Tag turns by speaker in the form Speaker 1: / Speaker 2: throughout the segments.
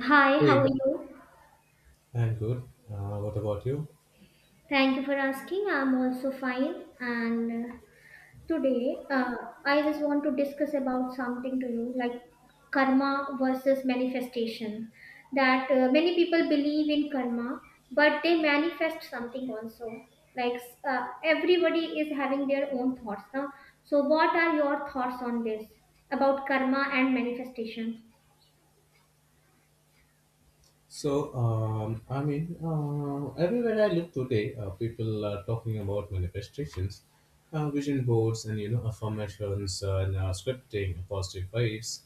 Speaker 1: Hi, how
Speaker 2: Hey,
Speaker 1: are you?
Speaker 2: I'm good. What about you?
Speaker 1: Thank you for asking. I'm also fine. And today, I just want to discuss about something to you like karma versus manifestation. That many people believe in karma, but they manifest something also. Like, everybody is having their own thoughts now. So, what are your thoughts on this about karma and manifestation?
Speaker 2: Everywhere I look today, people are talking about manifestations, vision boards, and affirmations and scripting, positive vibes.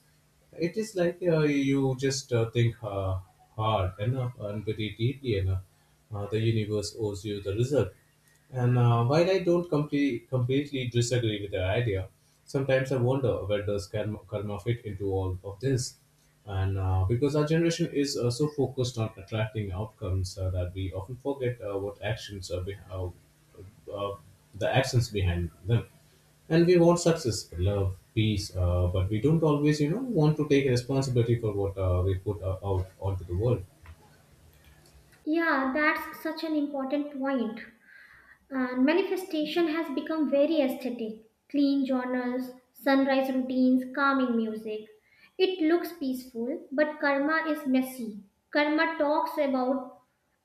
Speaker 2: It is like you just think hard enough and very deeply enough. The universe owes you the result. And While I don't complete, completely disagree with the idea, sometimes I wonder where does karma fit into all of this. And Because our generation is so focused on attracting outcomes that we often forget what uh, the actions behind them. And we want success, love, peace, but we don't always want to take responsibility for what we put out onto the world.
Speaker 1: Yeah, that's such an important point. And manifestation has become very aesthetic. Clean journals, sunrise routines, calming music. It looks peaceful, but karma is messy. Karma talks about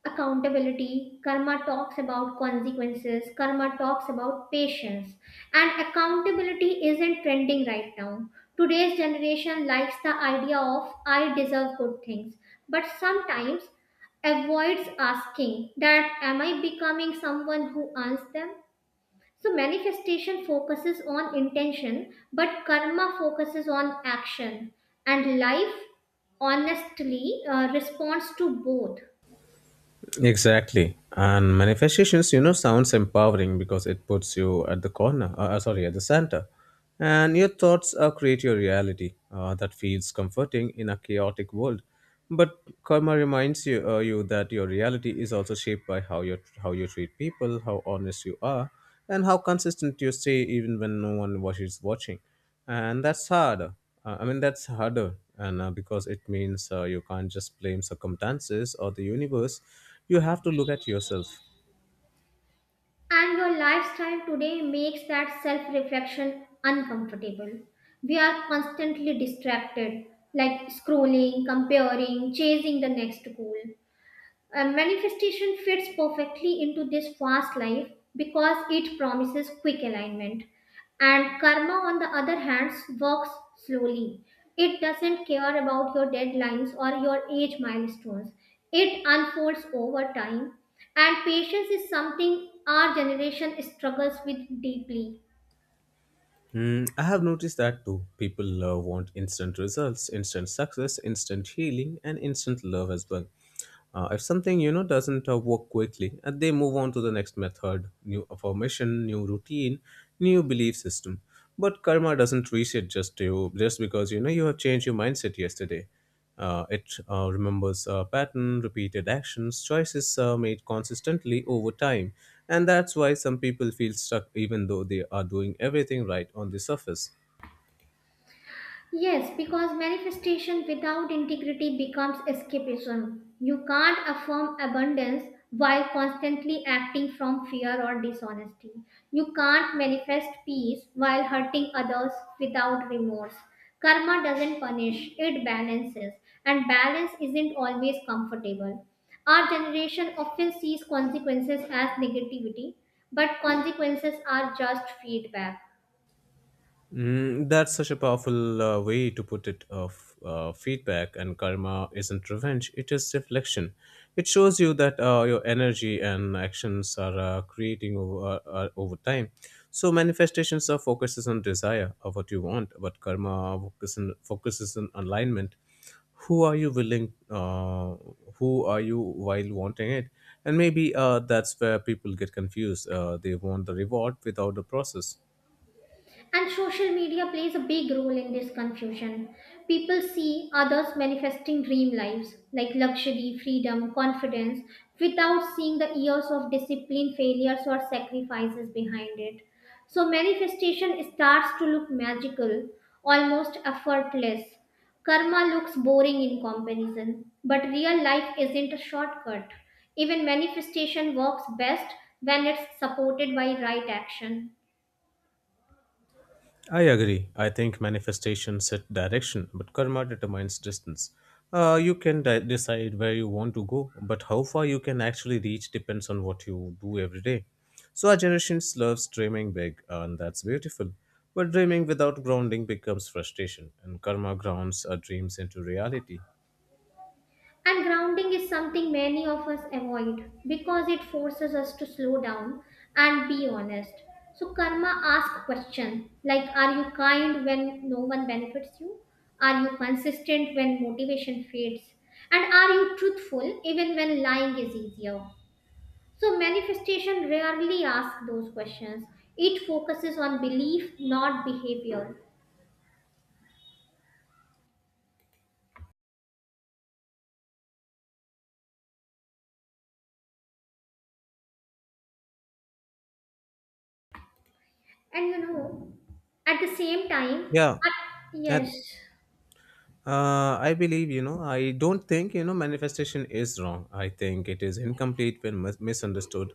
Speaker 1: accountability. Karma talks about consequences. Karma talks about patience, and accountability isn't trending right now. Today's generation likes the idea of I deserve good things, but sometimes avoids asking that am I becoming someone who earns them. So manifestation focuses on intention, but karma focuses on action. And life, honestly, responds to both.
Speaker 2: Exactly. And manifestations, you know, sounds empowering because it puts you at the at the center. And your thoughts create your reality, that feels comforting in a chaotic world. But karma reminds you that your reality is also shaped by how you treat people, how honest you are, and how consistent you stay even when no one was is watching. And that's hard I mean that's harder, and because it means you can't just blame circumstances or the universe. You have to look at yourself.
Speaker 1: And your lifestyle today makes that self reflection uncomfortable. We are constantly distracted, like scrolling, comparing, chasing the next goal. And manifestation fits perfectly into this fast life because it promises quick alignment. And karma, on the other hand, works slowly. It doesn't care about your deadlines or your age milestones. It unfolds over time. And patience is something our generation struggles with deeply.
Speaker 2: Hmm. I have noticed that too. People want instant results, instant success, instant healing, and instant love as well. If something, you know, doesn't work quickly, they move on to the next method, new affirmation, new routine, new belief system. But karma doesn't reset just you just because, you know, you have changed your mindset yesterday. It remembers a pattern, repeated actions, choices made consistently over time. And that's why some people feel stuck even though they are doing everything right on the surface.
Speaker 1: Yes, because manifestation without integrity becomes escapism. You can't affirm abundance while constantly acting from fear or dishonesty. You can't manifest peace while hurting others without remorse. Karma doesn't punish, it balances, and balance isn't always comfortable. Our generation often sees consequences as negativity, but consequences are just feedback.
Speaker 2: Mm, that's such a powerful way to put it, of feedback. And karma isn't revenge, it is reflection. It shows you that your energy and actions are over time. So manifestations are focuses on desire of what you want, but karma focuses focuses on alignment. Who are you willing who are you while wanting it? And maybe that's where people get confused. They want the reward without the process.
Speaker 1: And social media plays a big role in this confusion. People see others manifesting dream lives like luxury, freedom, confidence without seeing the years of discipline, failures, or sacrifices behind it. So, manifestation starts to look magical, almost effortless. Karma looks boring in comparison, but real life isn't a shortcut. Even manifestation works best when it's supported by right action.
Speaker 2: I agree. I think manifestation set direction, but karma determines distance. You can decide where you want to go, but how far you can actually reach depends on what you do every day. So our generation loves dreaming big, and that's beautiful. But dreaming without grounding becomes frustration, and karma grounds our dreams into reality.
Speaker 1: And grounding is something many of us avoid because it forces us to slow down and be honest. So karma asks question like are you kind when no one benefits you? Are you consistent when motivation fades? And are you truthful even when lying is easier? So manifestation rarely asks those questions. It focuses on belief, not behavior. And you know, at the same time,
Speaker 2: Yeah,
Speaker 1: I,
Speaker 2: and
Speaker 1: yes.
Speaker 2: I believe, you know, I don't think, you know, manifestation is wrong. I think it is incomplete when misunderstood,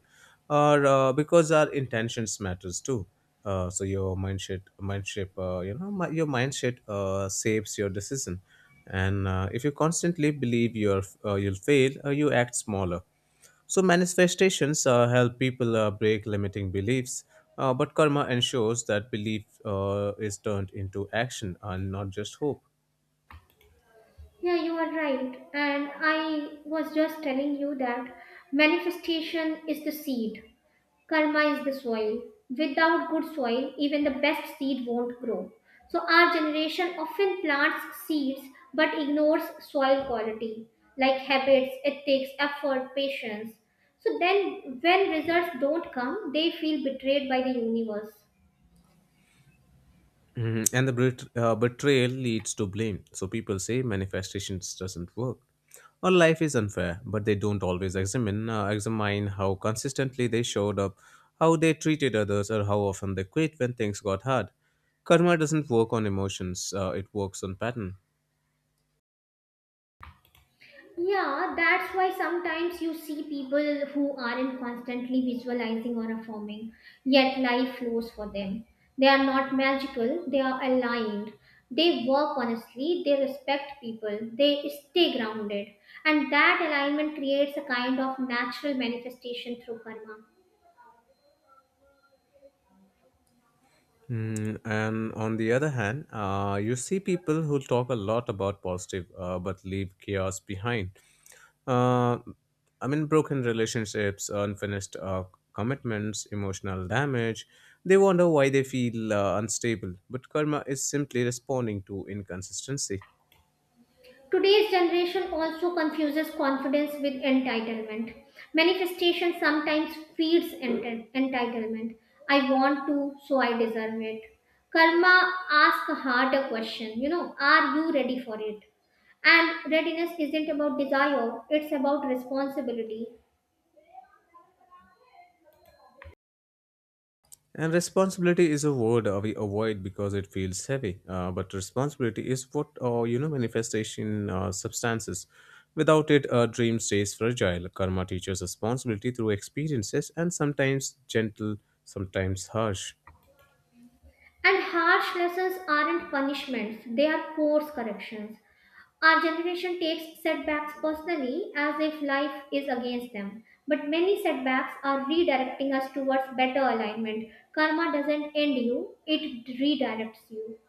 Speaker 2: or because our intentions matters too. So your mind shape, you know, mi- your mind shape shapes your decision. And if you constantly believe you'll fail, you act smaller. So manifestations help people break limiting beliefs, but karma ensures that belief is turned into action and not just hope.
Speaker 1: Yeah, you are right. And I was just telling you that manifestation is the seed, karma is the soil. Without good soil, even the best seed won't grow. So, our generation often plants seeds but ignores soil quality like habits, ethics, effort, patience. So, then when results don't come, they feel betrayed by the universe.
Speaker 2: Mhm. And the betrayal leads to blame. So people say manifestations doesn't work or life is unfair, but they don't always examine how consistently they showed up, how they treated others, or how often they quit when things got hard. Karma doesn't work on emotions; it works on pattern.
Speaker 1: Yeah, that's why sometimes you see people who aren't constantly visualizing or affirming, yet life flows for them. They are not magical, they are aligned. They work honestly, they respect people, they stay grounded. And that alignment creates a kind of natural manifestation through karma.
Speaker 2: Mm, and on the other hand, you see people who talk a lot about positive but leave chaos behind. Uh, I mean, broken relationships, unfinished commitments, emotional damage. They wonder why they feel unstable, but karma is simply responding to inconsistency.
Speaker 1: Today's generation also confuses confidence with entitlement. Manifestation sometimes feeds entitlement. I want to, so I deserve it. Karma asks a harder question. You know, are you ready for it? And readiness isn't about desire, it's about responsibility.
Speaker 2: And responsibility is a word we avoid because it feels heavy. But responsibility is what, you know, manifestation substances. Without it, a dream stays fragile. Karma teaches responsibility through experiences, and sometimes gentle, sometimes harsh.
Speaker 1: And harsh lessons aren't punishments, they are course corrections. Our generation takes setbacks personally as if life is against them. But many setbacks are redirecting us towards better alignment. Karma doesn't end you, it redirects you.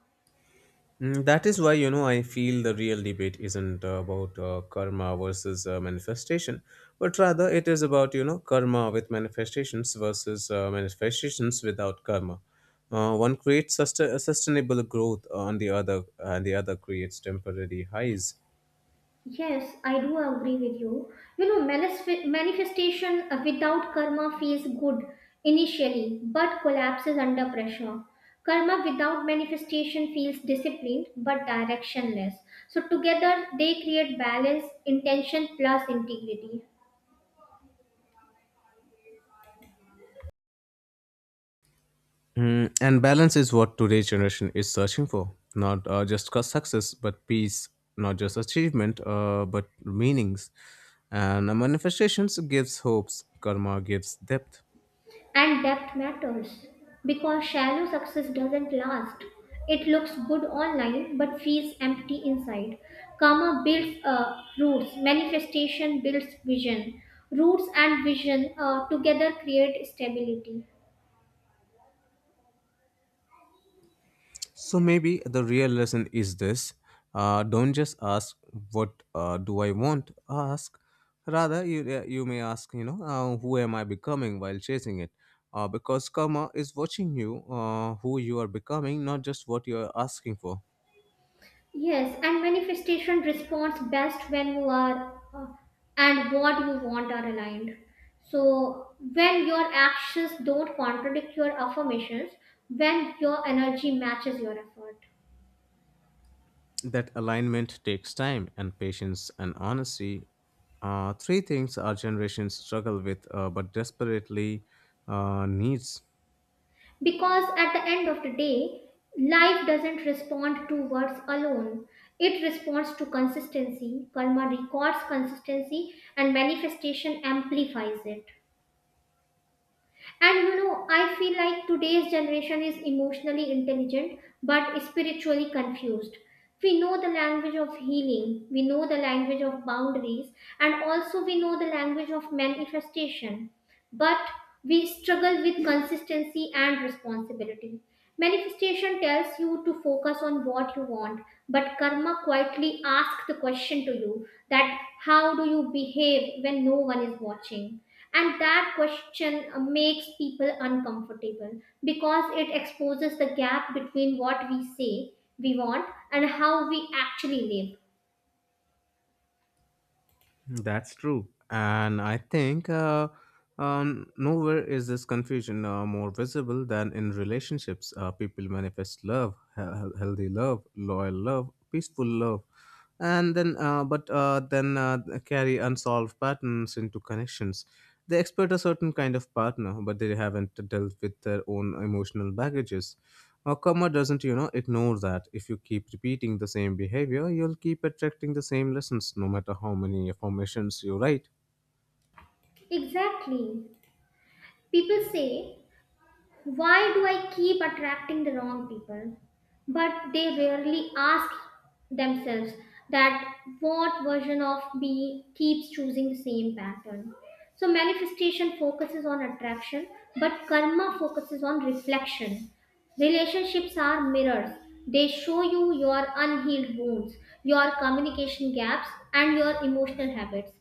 Speaker 2: Mm, that is why, you know, I feel the real debate isn't about karma versus manifestation, but rather it is about, you know, karma with manifestations versus manifestations without karma. One creates sustainable growth, and the other creates temporary highs.
Speaker 1: Yes, I do agree with you. You know, manifestation without karma feels good initially but collapses under pressure. Karma without manifestation feels disciplined but directionless. So, together they create balance, intention plus integrity.
Speaker 2: Mm, and balance is what today's generation is searching for. Not just success, but peace. Not just achievement, but meanings. And manifestations gives hopes. Karma gives depth.
Speaker 1: And depth matters because shallow success doesn't last. It looks good online but feels empty inside. Karma builds roots, manifestation builds vision. Roots and vision together create stability.
Speaker 2: So maybe the real lesson is this: don't just ask what do I want. Ask, rather you may ask, you know, who am I becoming while chasing it. Because karma is watching you, who you are becoming, not just what you are asking for.
Speaker 1: Yes, and manifestation responds best when you are and what you want are aligned. So, when your actions don't contradict your affirmations, when your energy matches your effort.
Speaker 2: That alignment takes time and patience and honesty. Three things our generation struggle with, but desperately needs.
Speaker 1: Because at the end of the day, life doesn't respond to words alone. It responds to consistency. Karma records consistency and manifestation amplifies it. And you know, I feel like today's generation is emotionally intelligent but spiritually confused. We know the language of healing, we know the language of boundaries, and also we know the language of manifestation. But we struggle with consistency and responsibility. Manifestation tells you to focus on what you want, but karma quietly asks the question to you that how do you behave when no one is watching? And that question makes people uncomfortable because it exposes the gap between what we say we want and how we actually live.
Speaker 2: That's true. And I think nowhere is this confusion more visible than in relationships. People manifest love, healthy love, loyal love, peaceful love, and then carry unsolved patterns into connections. They expect a certain kind of partner, but they haven't dealt with their own emotional baggages. Karma doesn't, you know, ignore that. If you keep repeating the same behavior, you'll keep attracting the same lessons, no matter how many affirmations you write.
Speaker 1: Exactly. People say why do I keep attracting the wrong people? But they rarely ask themselves that what version of me keeps choosing the same pattern. So, manifestation focuses on attraction, but karma focuses on reflection. Relationships are mirrors. They show you your unhealed wounds, your communication gaps, and your emotional habits.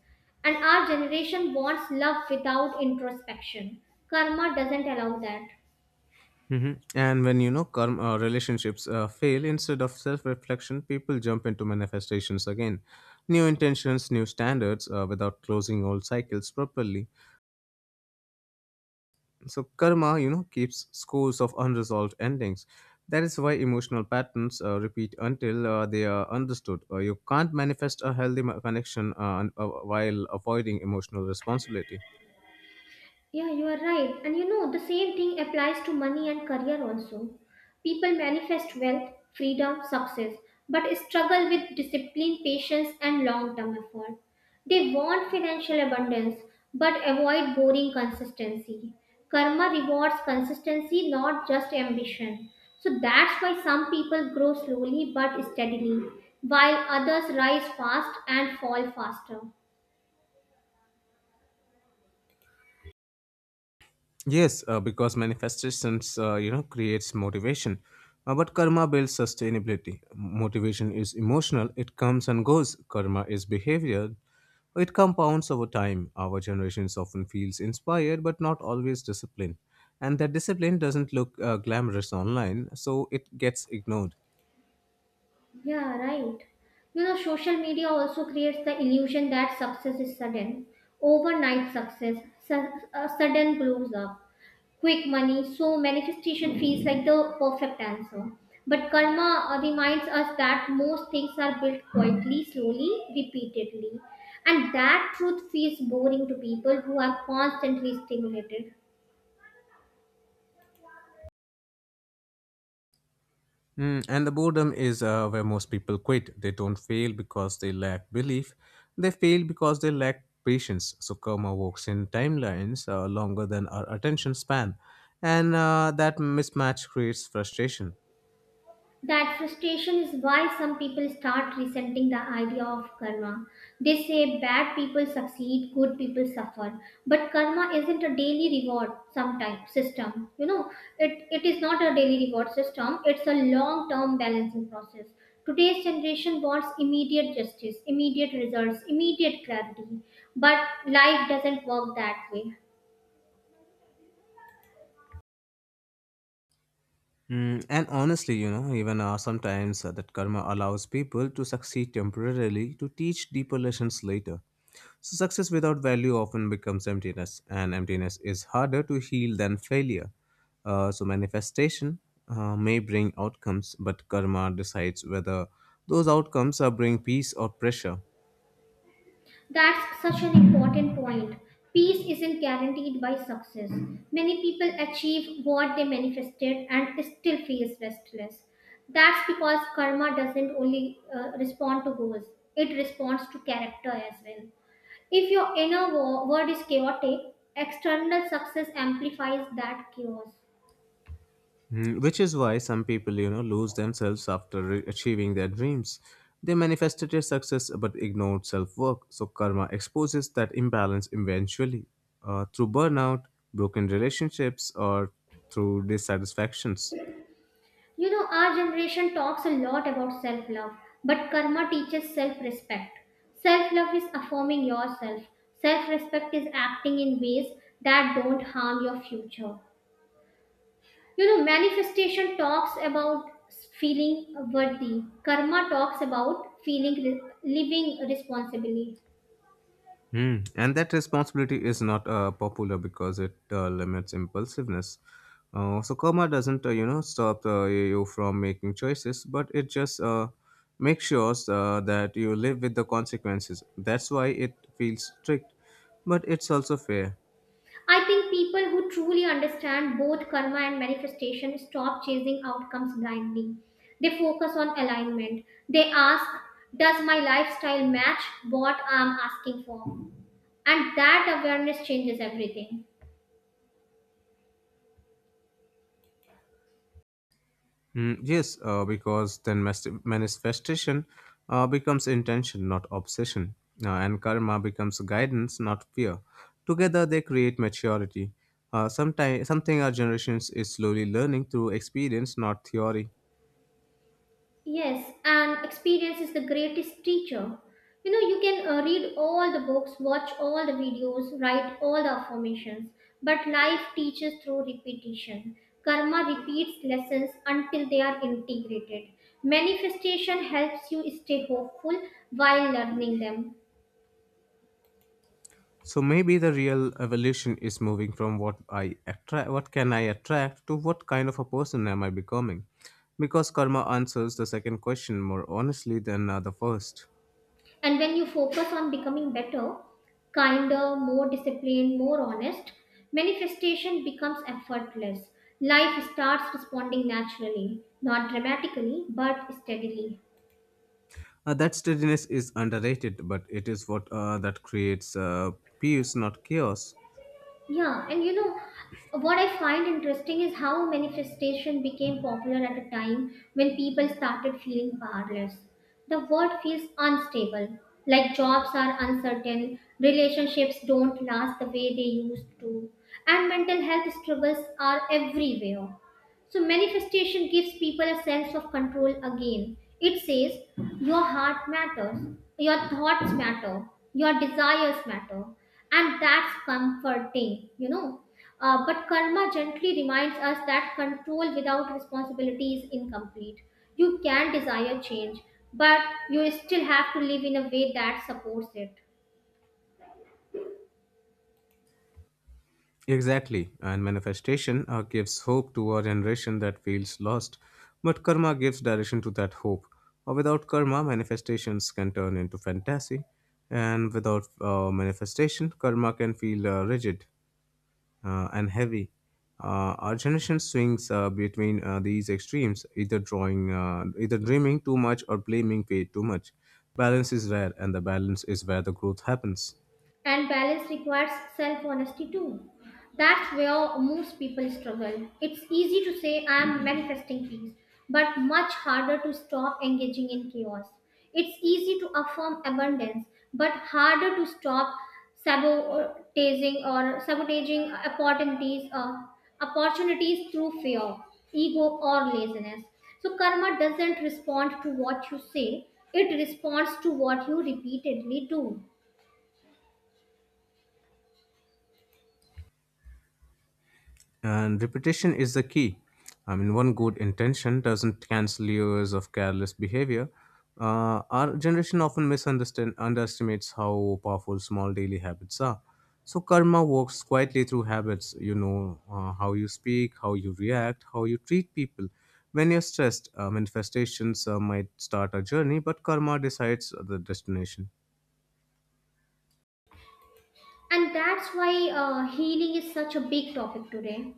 Speaker 1: And our generation wants love without introspection. Karma doesn't allow that.
Speaker 2: Hmm. And when, you know, karma, relationships fail, instead of self-reflection, people jump into manifestations again, new intentions, new standards, without closing old cycles properly. So karma, you know, keeps scores of unresolved endings. That is why emotional patterns repeat until they are understood. You can't manifest a healthy connection while avoiding emotional responsibility.
Speaker 1: Yeah, you are right. And you know, the same thing applies to money and career also. People manifest wealth, freedom, success, but struggle with discipline, patience, and long term effort. They want financial abundance, but avoid boring consistency. Karma rewards consistency, not just ambition. So that's why some people grow slowly but steadily, while others rise fast and fall faster.
Speaker 2: Yes, because manifestations, you know, creates motivation, but karma builds sustainability. Motivation is emotional; it comes and goes. Karma is behavior; it compounds over time. Our generations often feels inspired, but not always disciplined, and that discipline doesn't look glamorous online, so it gets ignored.
Speaker 1: Yeah, right. You know, social media also creates the illusion that success is sudden, overnight success, su- sudden blows up, quick money. So manifestation feels like the perfect answer. But karma reminds us that most things are built quietly, slowly, repeatedly. And that truth feels boring to people who are constantly stimulated.
Speaker 2: Mm, and the boredom is where most people quit. They don't fail because they lack belief. They fail because they lack patience. So karma works in timelines longer than our attention span, and that mismatch creates frustration.
Speaker 1: That frustration is why some people start resenting the idea of karma. They say bad people succeed, good people suffer. But karma isn't a daily reward sometime system. You know, it is not a daily reward system, it's a long term balancing process. Today's generation wants immediate justice, immediate results, immediate clarity. But life doesn't work that way.
Speaker 2: Mm, and honestly, you know, even sometimes that karma allows people to succeed temporarily to teach deeper lessons later. So success without value often becomes emptiness, and emptiness is harder to heal than failure. So manifestation may bring outcomes, but karma decides whether those outcomes are bring peace or pressure.
Speaker 1: That's such an important point. Peace isn't guaranteed by success. Many people achieve what they manifested and still feels restless. That's because karma doesn't only respond to goals, it responds to character as well. If your inner world is chaotic, external success amplifies that chaos.
Speaker 2: Mm, which is why some people, you know, lose themselves after achieving their dreams. They manifested their success but ignored self work. So karma exposes that imbalance eventually, through burnout, broken relationships, or through dissatisfactions.
Speaker 1: You know, our generation talks a lot about self love, but karma teaches self respect. Self love is affirming yourself, self respect is acting in ways that don't harm your future. You know, manifestation talks about feeling worthy, karma talks about feeling living responsibly.
Speaker 2: Mm. And that responsibility is not popular because it limits impulsiveness. So karma doesn't, you know, stop you from making choices, but it just makes sure that you live with the consequences. That's why it feels strict, but it's also fair.
Speaker 1: I think people who truly understand both karma and manifestation stop chasing outcomes blindly. They focus on alignment. They ask, does my lifestyle match what I'm asking for? And that awareness changes everything.
Speaker 2: Mm, yes, because then manifestation becomes intention, not obsession, and karma becomes guidance, not fear. Together, they create maturity. Something our generations is slowly learning through experience, not theory.
Speaker 1: Yes, and experience is the greatest teacher. You know, you can read all the books, watch all the videos, write all the affirmations, but life teaches through repetition. Karma repeats lessons until they are integrated. Manifestation helps you stay hopeful while learning them.
Speaker 2: So maybe the real evolution is moving from what can I attract, to what kind of a person am I becoming? Because karma answers the second question more honestly than the first.
Speaker 1: And when you focus on becoming better, kinder, more disciplined, more honest, manifestation becomes effortless. Life starts responding naturally, not dramatically, but steadily.
Speaker 2: That steadiness is underrated, but it is what that creates peace, not chaos.
Speaker 1: Yeah, and you know what I find interesting is how manifestation became popular at a time when people started feeling powerless. The world feels unstable, like jobs are uncertain, relationships don't last the way they used to, and mental health struggles are everywhere. So, manifestation gives people a sense of control again. It says, your heart matters, your thoughts matter, your desires matter. And that's comforting, you know. But karma gently reminds us that control without responsibility is incomplete. You can desire change, but you still have to live in a way that supports it.
Speaker 2: Exactly, and manifestation gives hope to a generation that feels lost, but karma gives direction to that hope. Without karma, manifestations can turn into fantasy, and without manifestation, karma can feel rigid and heavy. Our generation swings between these extremes, either dreaming too much or blaming fate too much. Balance is rare, and the balance is where the growth happens.
Speaker 1: And balance requires self honesty too. That's where most people struggle. It's easy to say, I'm manifesting peace, but much harder to stop engaging in chaos. It's easy to affirm abundance, but harder to stop sabotaging opportunities through fear, ego, or laziness. So, karma doesn't respond to what you say, it responds to what you repeatedly do.
Speaker 2: And repetition is the key. I mean, one good intention doesn't cancel years of careless behavior. Our generation often misunderstand underestimates how powerful small daily habits are. So karma works quietly through habits. You know, how you speak, how you react, how you treat people. When you're stressed, manifestations might start a journey, but karma decides the destination.
Speaker 1: And that's why healing is such a big topic today.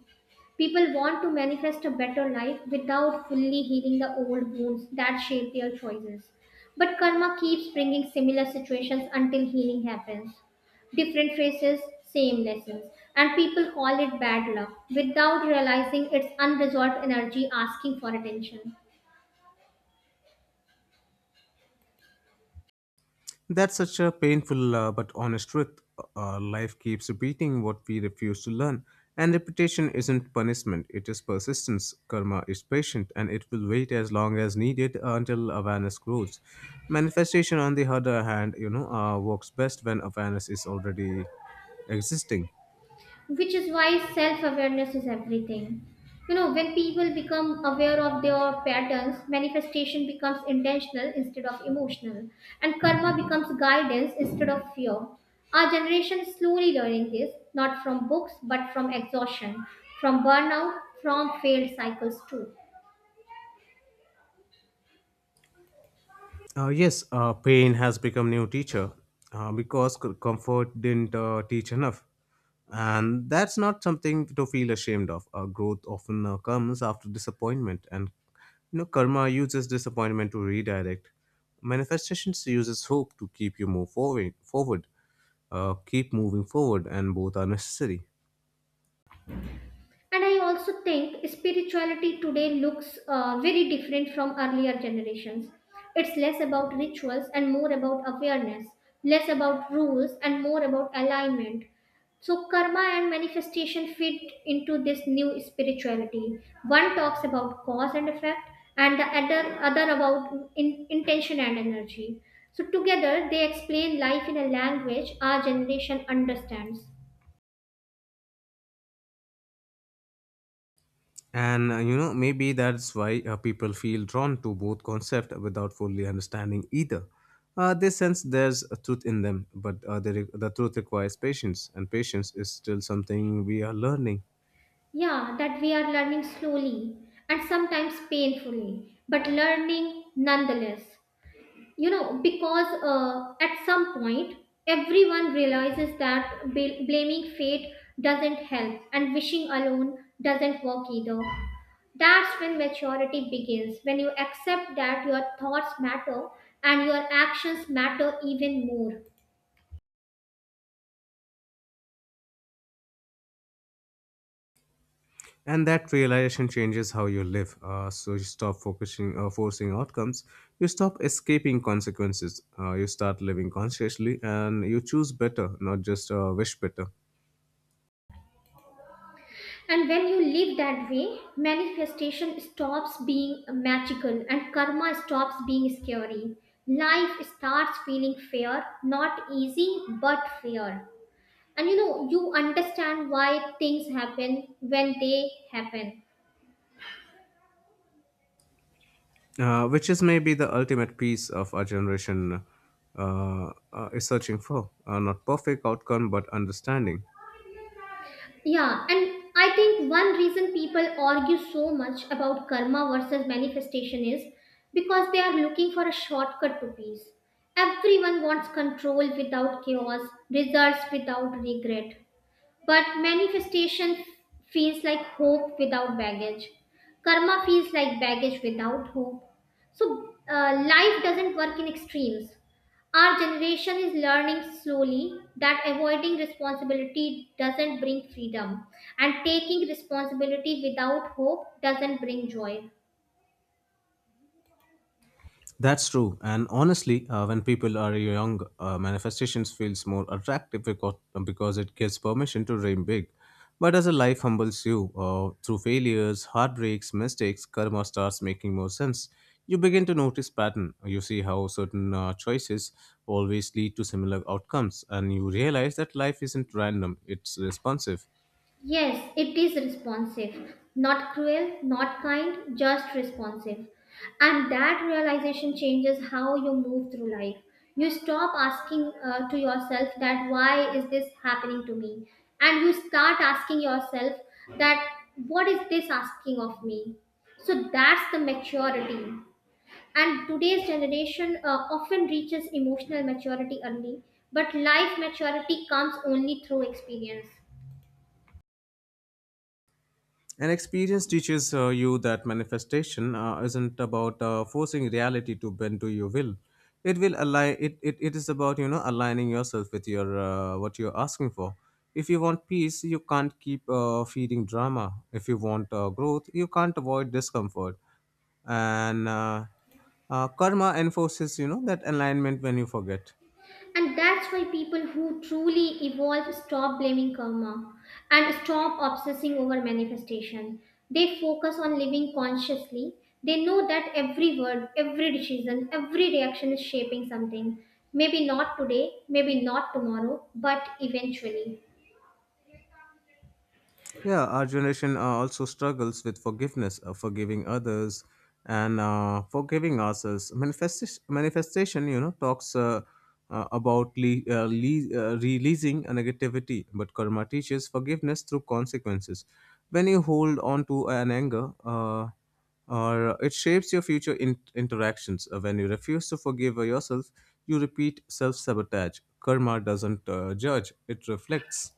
Speaker 1: People want to manifest a better life without fully healing the old wounds that shape their choices. But karma keeps bringing similar situations until healing happens. Different faces, same lessons. And people call it bad luck without realizing it's unresolved energy asking for attention.
Speaker 2: That's such a painful but honest truth. Life keeps repeating what we refuse to learn. And repetition isn't punishment, it is persistence. Karma is patient and it will wait as long as needed until awareness grows. Manifestation, on the other hand, works best when awareness is already existing.
Speaker 1: Which is why self awareness is everything. You know, when people become aware of their patterns, manifestation becomes intentional instead of emotional, and karma becomes guidance instead of fear. Our generation is slowly learning this, not from books, but from exhaustion, from burnout, from failed cycles too.
Speaker 2: Yes, pain has become new teacher because comfort didn't teach enough. And that's not something to feel ashamed of. Growth often comes after disappointment, and karma uses disappointment to redirect. Manifestations uses hope to keep you move keep moving forward, and both are necessary.
Speaker 1: And I also think spirituality today looks very different from earlier generations. It's less about rituals and more about awareness, less about rules and more about alignment. So karma and manifestation fit into this new spirituality. One talks about cause and effect, and the other about intention and energy. So together they explain life in a language our generation understands.
Speaker 2: And maybe that's why people feel drawn to both concepts without fully understanding either. They sense there's a truth in them, but the truth requires patience, and patience is still something we are learning.
Speaker 1: Yeah, that we are learning slowly and sometimes painfully, but learning nonetheless. You know, because at some point, everyone realizes that blaming fate doesn't help and wishing alone doesn't work either. That's when maturity begins, when you accept that your thoughts matter and your actions matter even more.
Speaker 2: And that realization changes how you live. Uh, so you forcing outcomes. You stop escaping consequences. You start living consciously, and you choose better, not just wish better,
Speaker 1: And when you live that way, manifestation stops being magical and karma stops being scary. Life starts feeling fair, not easy, but fair. And you know, you understand why things happen when they happen.
Speaker 2: which is maybe the ultimate piece of our generation is searching for. Not perfect outcome, but understanding.
Speaker 1: Yeah, and I think one reason people argue so much about karma versus manifestation is because they are looking for a shortcut to peace. Everyone wants control without chaos, results without regret. But manifestation feels like hope without baggage. Karma feels like baggage without hope. So life doesn't work in extremes. Our generation is learning slowly that avoiding responsibility doesn't bring freedom, and taking responsibility without hope doesn't bring joy.
Speaker 2: That's true. And honestly, when people are young, manifestations feels more attractive because it gives permission to dream big. But as a life humbles you, through failures, heartbreaks, mistakes, karma starts making more sense. You begin to notice pattern. You see how certain choices always lead to similar outcomes, and you realize that life isn't random; it's responsive.
Speaker 1: Yes, it is responsive. Not cruel, not kind, just responsive. And that realization changes how you move through life. You stop asking to yourself that why is this happening to me? And you start asking yourself that what is this asking of me? So that's the maturity. And today's generation often reaches emotional maturity early, but life maturity comes only through experience.
Speaker 2: And experience teaches you that manifestation isn't about forcing reality to bend to your will. It will align. It is about aligning yourself with your what you're asking for. If you want peace, you can't keep feeding drama. If you want growth, you can't avoid discomfort. And karma enforces that alignment when you forget.
Speaker 1: And that's why people who truly evolve stop blaming karma and stop obsessing over manifestation. They focus on living consciously. They know that every word, every decision, every reaction is shaping something. Maybe not today, maybe not tomorrow, but eventually.
Speaker 2: Yeah, our generation also struggles with forgiveness, forgiving others, and forgiving ourselves. Manifestation, you know, talks about le- le- releasing a negativity, but karma teaches forgiveness through consequences. When you hold on to an anger, or it shapes your future interactions. When you refuse to forgive yourself, you repeat self sabotage. Karma doesn't judge; it reflects.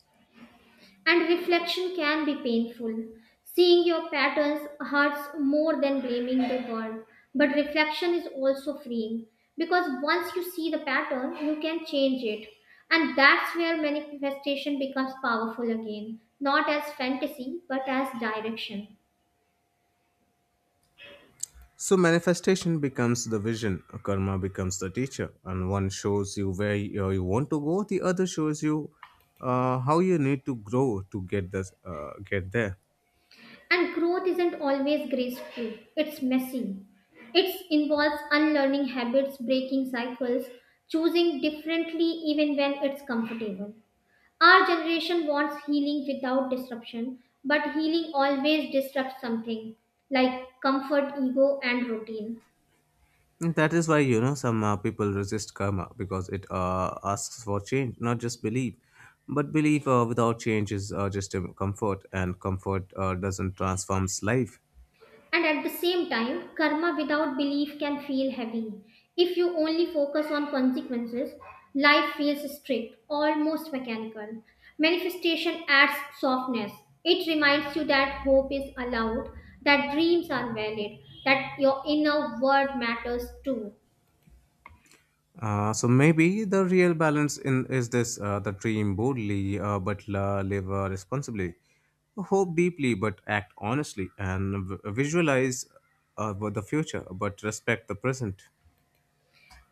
Speaker 1: And reflection can be painful. Seeing your patterns hurts more than blaming the world. But reflection is also freeing because once you see the pattern, you can change it. And that's where manifestation becomes powerful again, not as fantasy, but as direction.
Speaker 2: So manifestation becomes the vision, karma becomes the teacher, and one shows you where you want to go, the other shows you how you need to grow to get get there.
Speaker 1: And growth isn't always graceful, it's messy. It involves unlearning habits, breaking cycles, choosing differently even when it's comfortable. Our generation wants healing without disruption, but healing always disrupts something like comfort, ego, and routine.
Speaker 2: And that is why some people resist karma because it asks for change, not just belief. But belief without change is just a comfort, and comfort doesn't transforms life.
Speaker 1: And at the same time, karma without belief can feel heavy. If you only focus on consequences, life feels strict, almost mechanical. Manifestation adds softness. It reminds you that hope is allowed, that dreams are valid, that your inner world matters too.
Speaker 2: So maybe the real balance in is this: the dream boldly, but live responsibly, hope deeply, but act honestly, and visualize the future, but respect the present.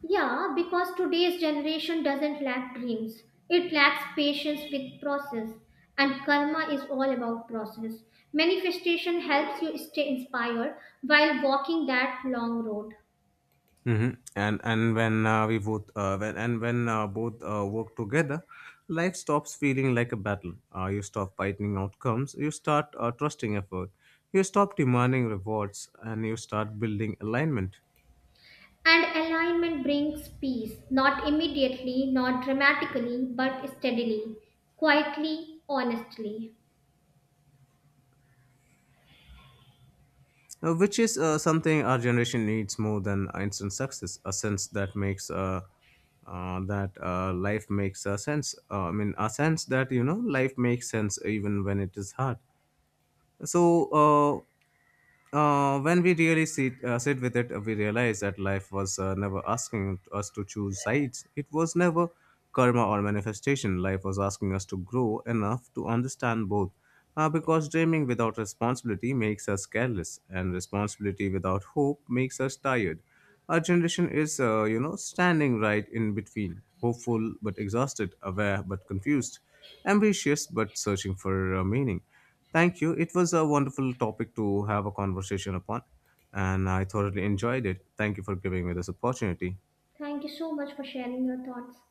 Speaker 1: Yeah, because today's generation doesn't lack dreams. It lacks patience with process. And karma is all about process. Manifestation helps you stay inspired while walking that long road.
Speaker 2: hmm and when we both when and when both work together, life stops feeling like a battle. You stop fighting outcomes. You start trusting effort. You stop demanding rewards, and you start building alignment.
Speaker 1: And alignment brings peace, not immediately, not dramatically, but steadily, quietly, honestly.
Speaker 2: Which is something our generation needs more than instant success, a sense that makes that life makes a sense, I mean a sense that life makes sense even when it is hard. so uh, when we really sit with it, we realize that life was never asking us to choose sides. It was never karma or manifestation. Life was asking us to grow enough to understand both. Because dreaming without responsibility makes us careless, and responsibility without hope makes us tired. Our generation is, standing right in between, hopeful but exhausted, aware but confused, ambitious but searching for meaning. Thank you. It was a wonderful topic to have a conversation upon, and I thoroughly enjoyed it. Thank you for giving me this opportunity.
Speaker 1: Thank you so much for sharing your thoughts.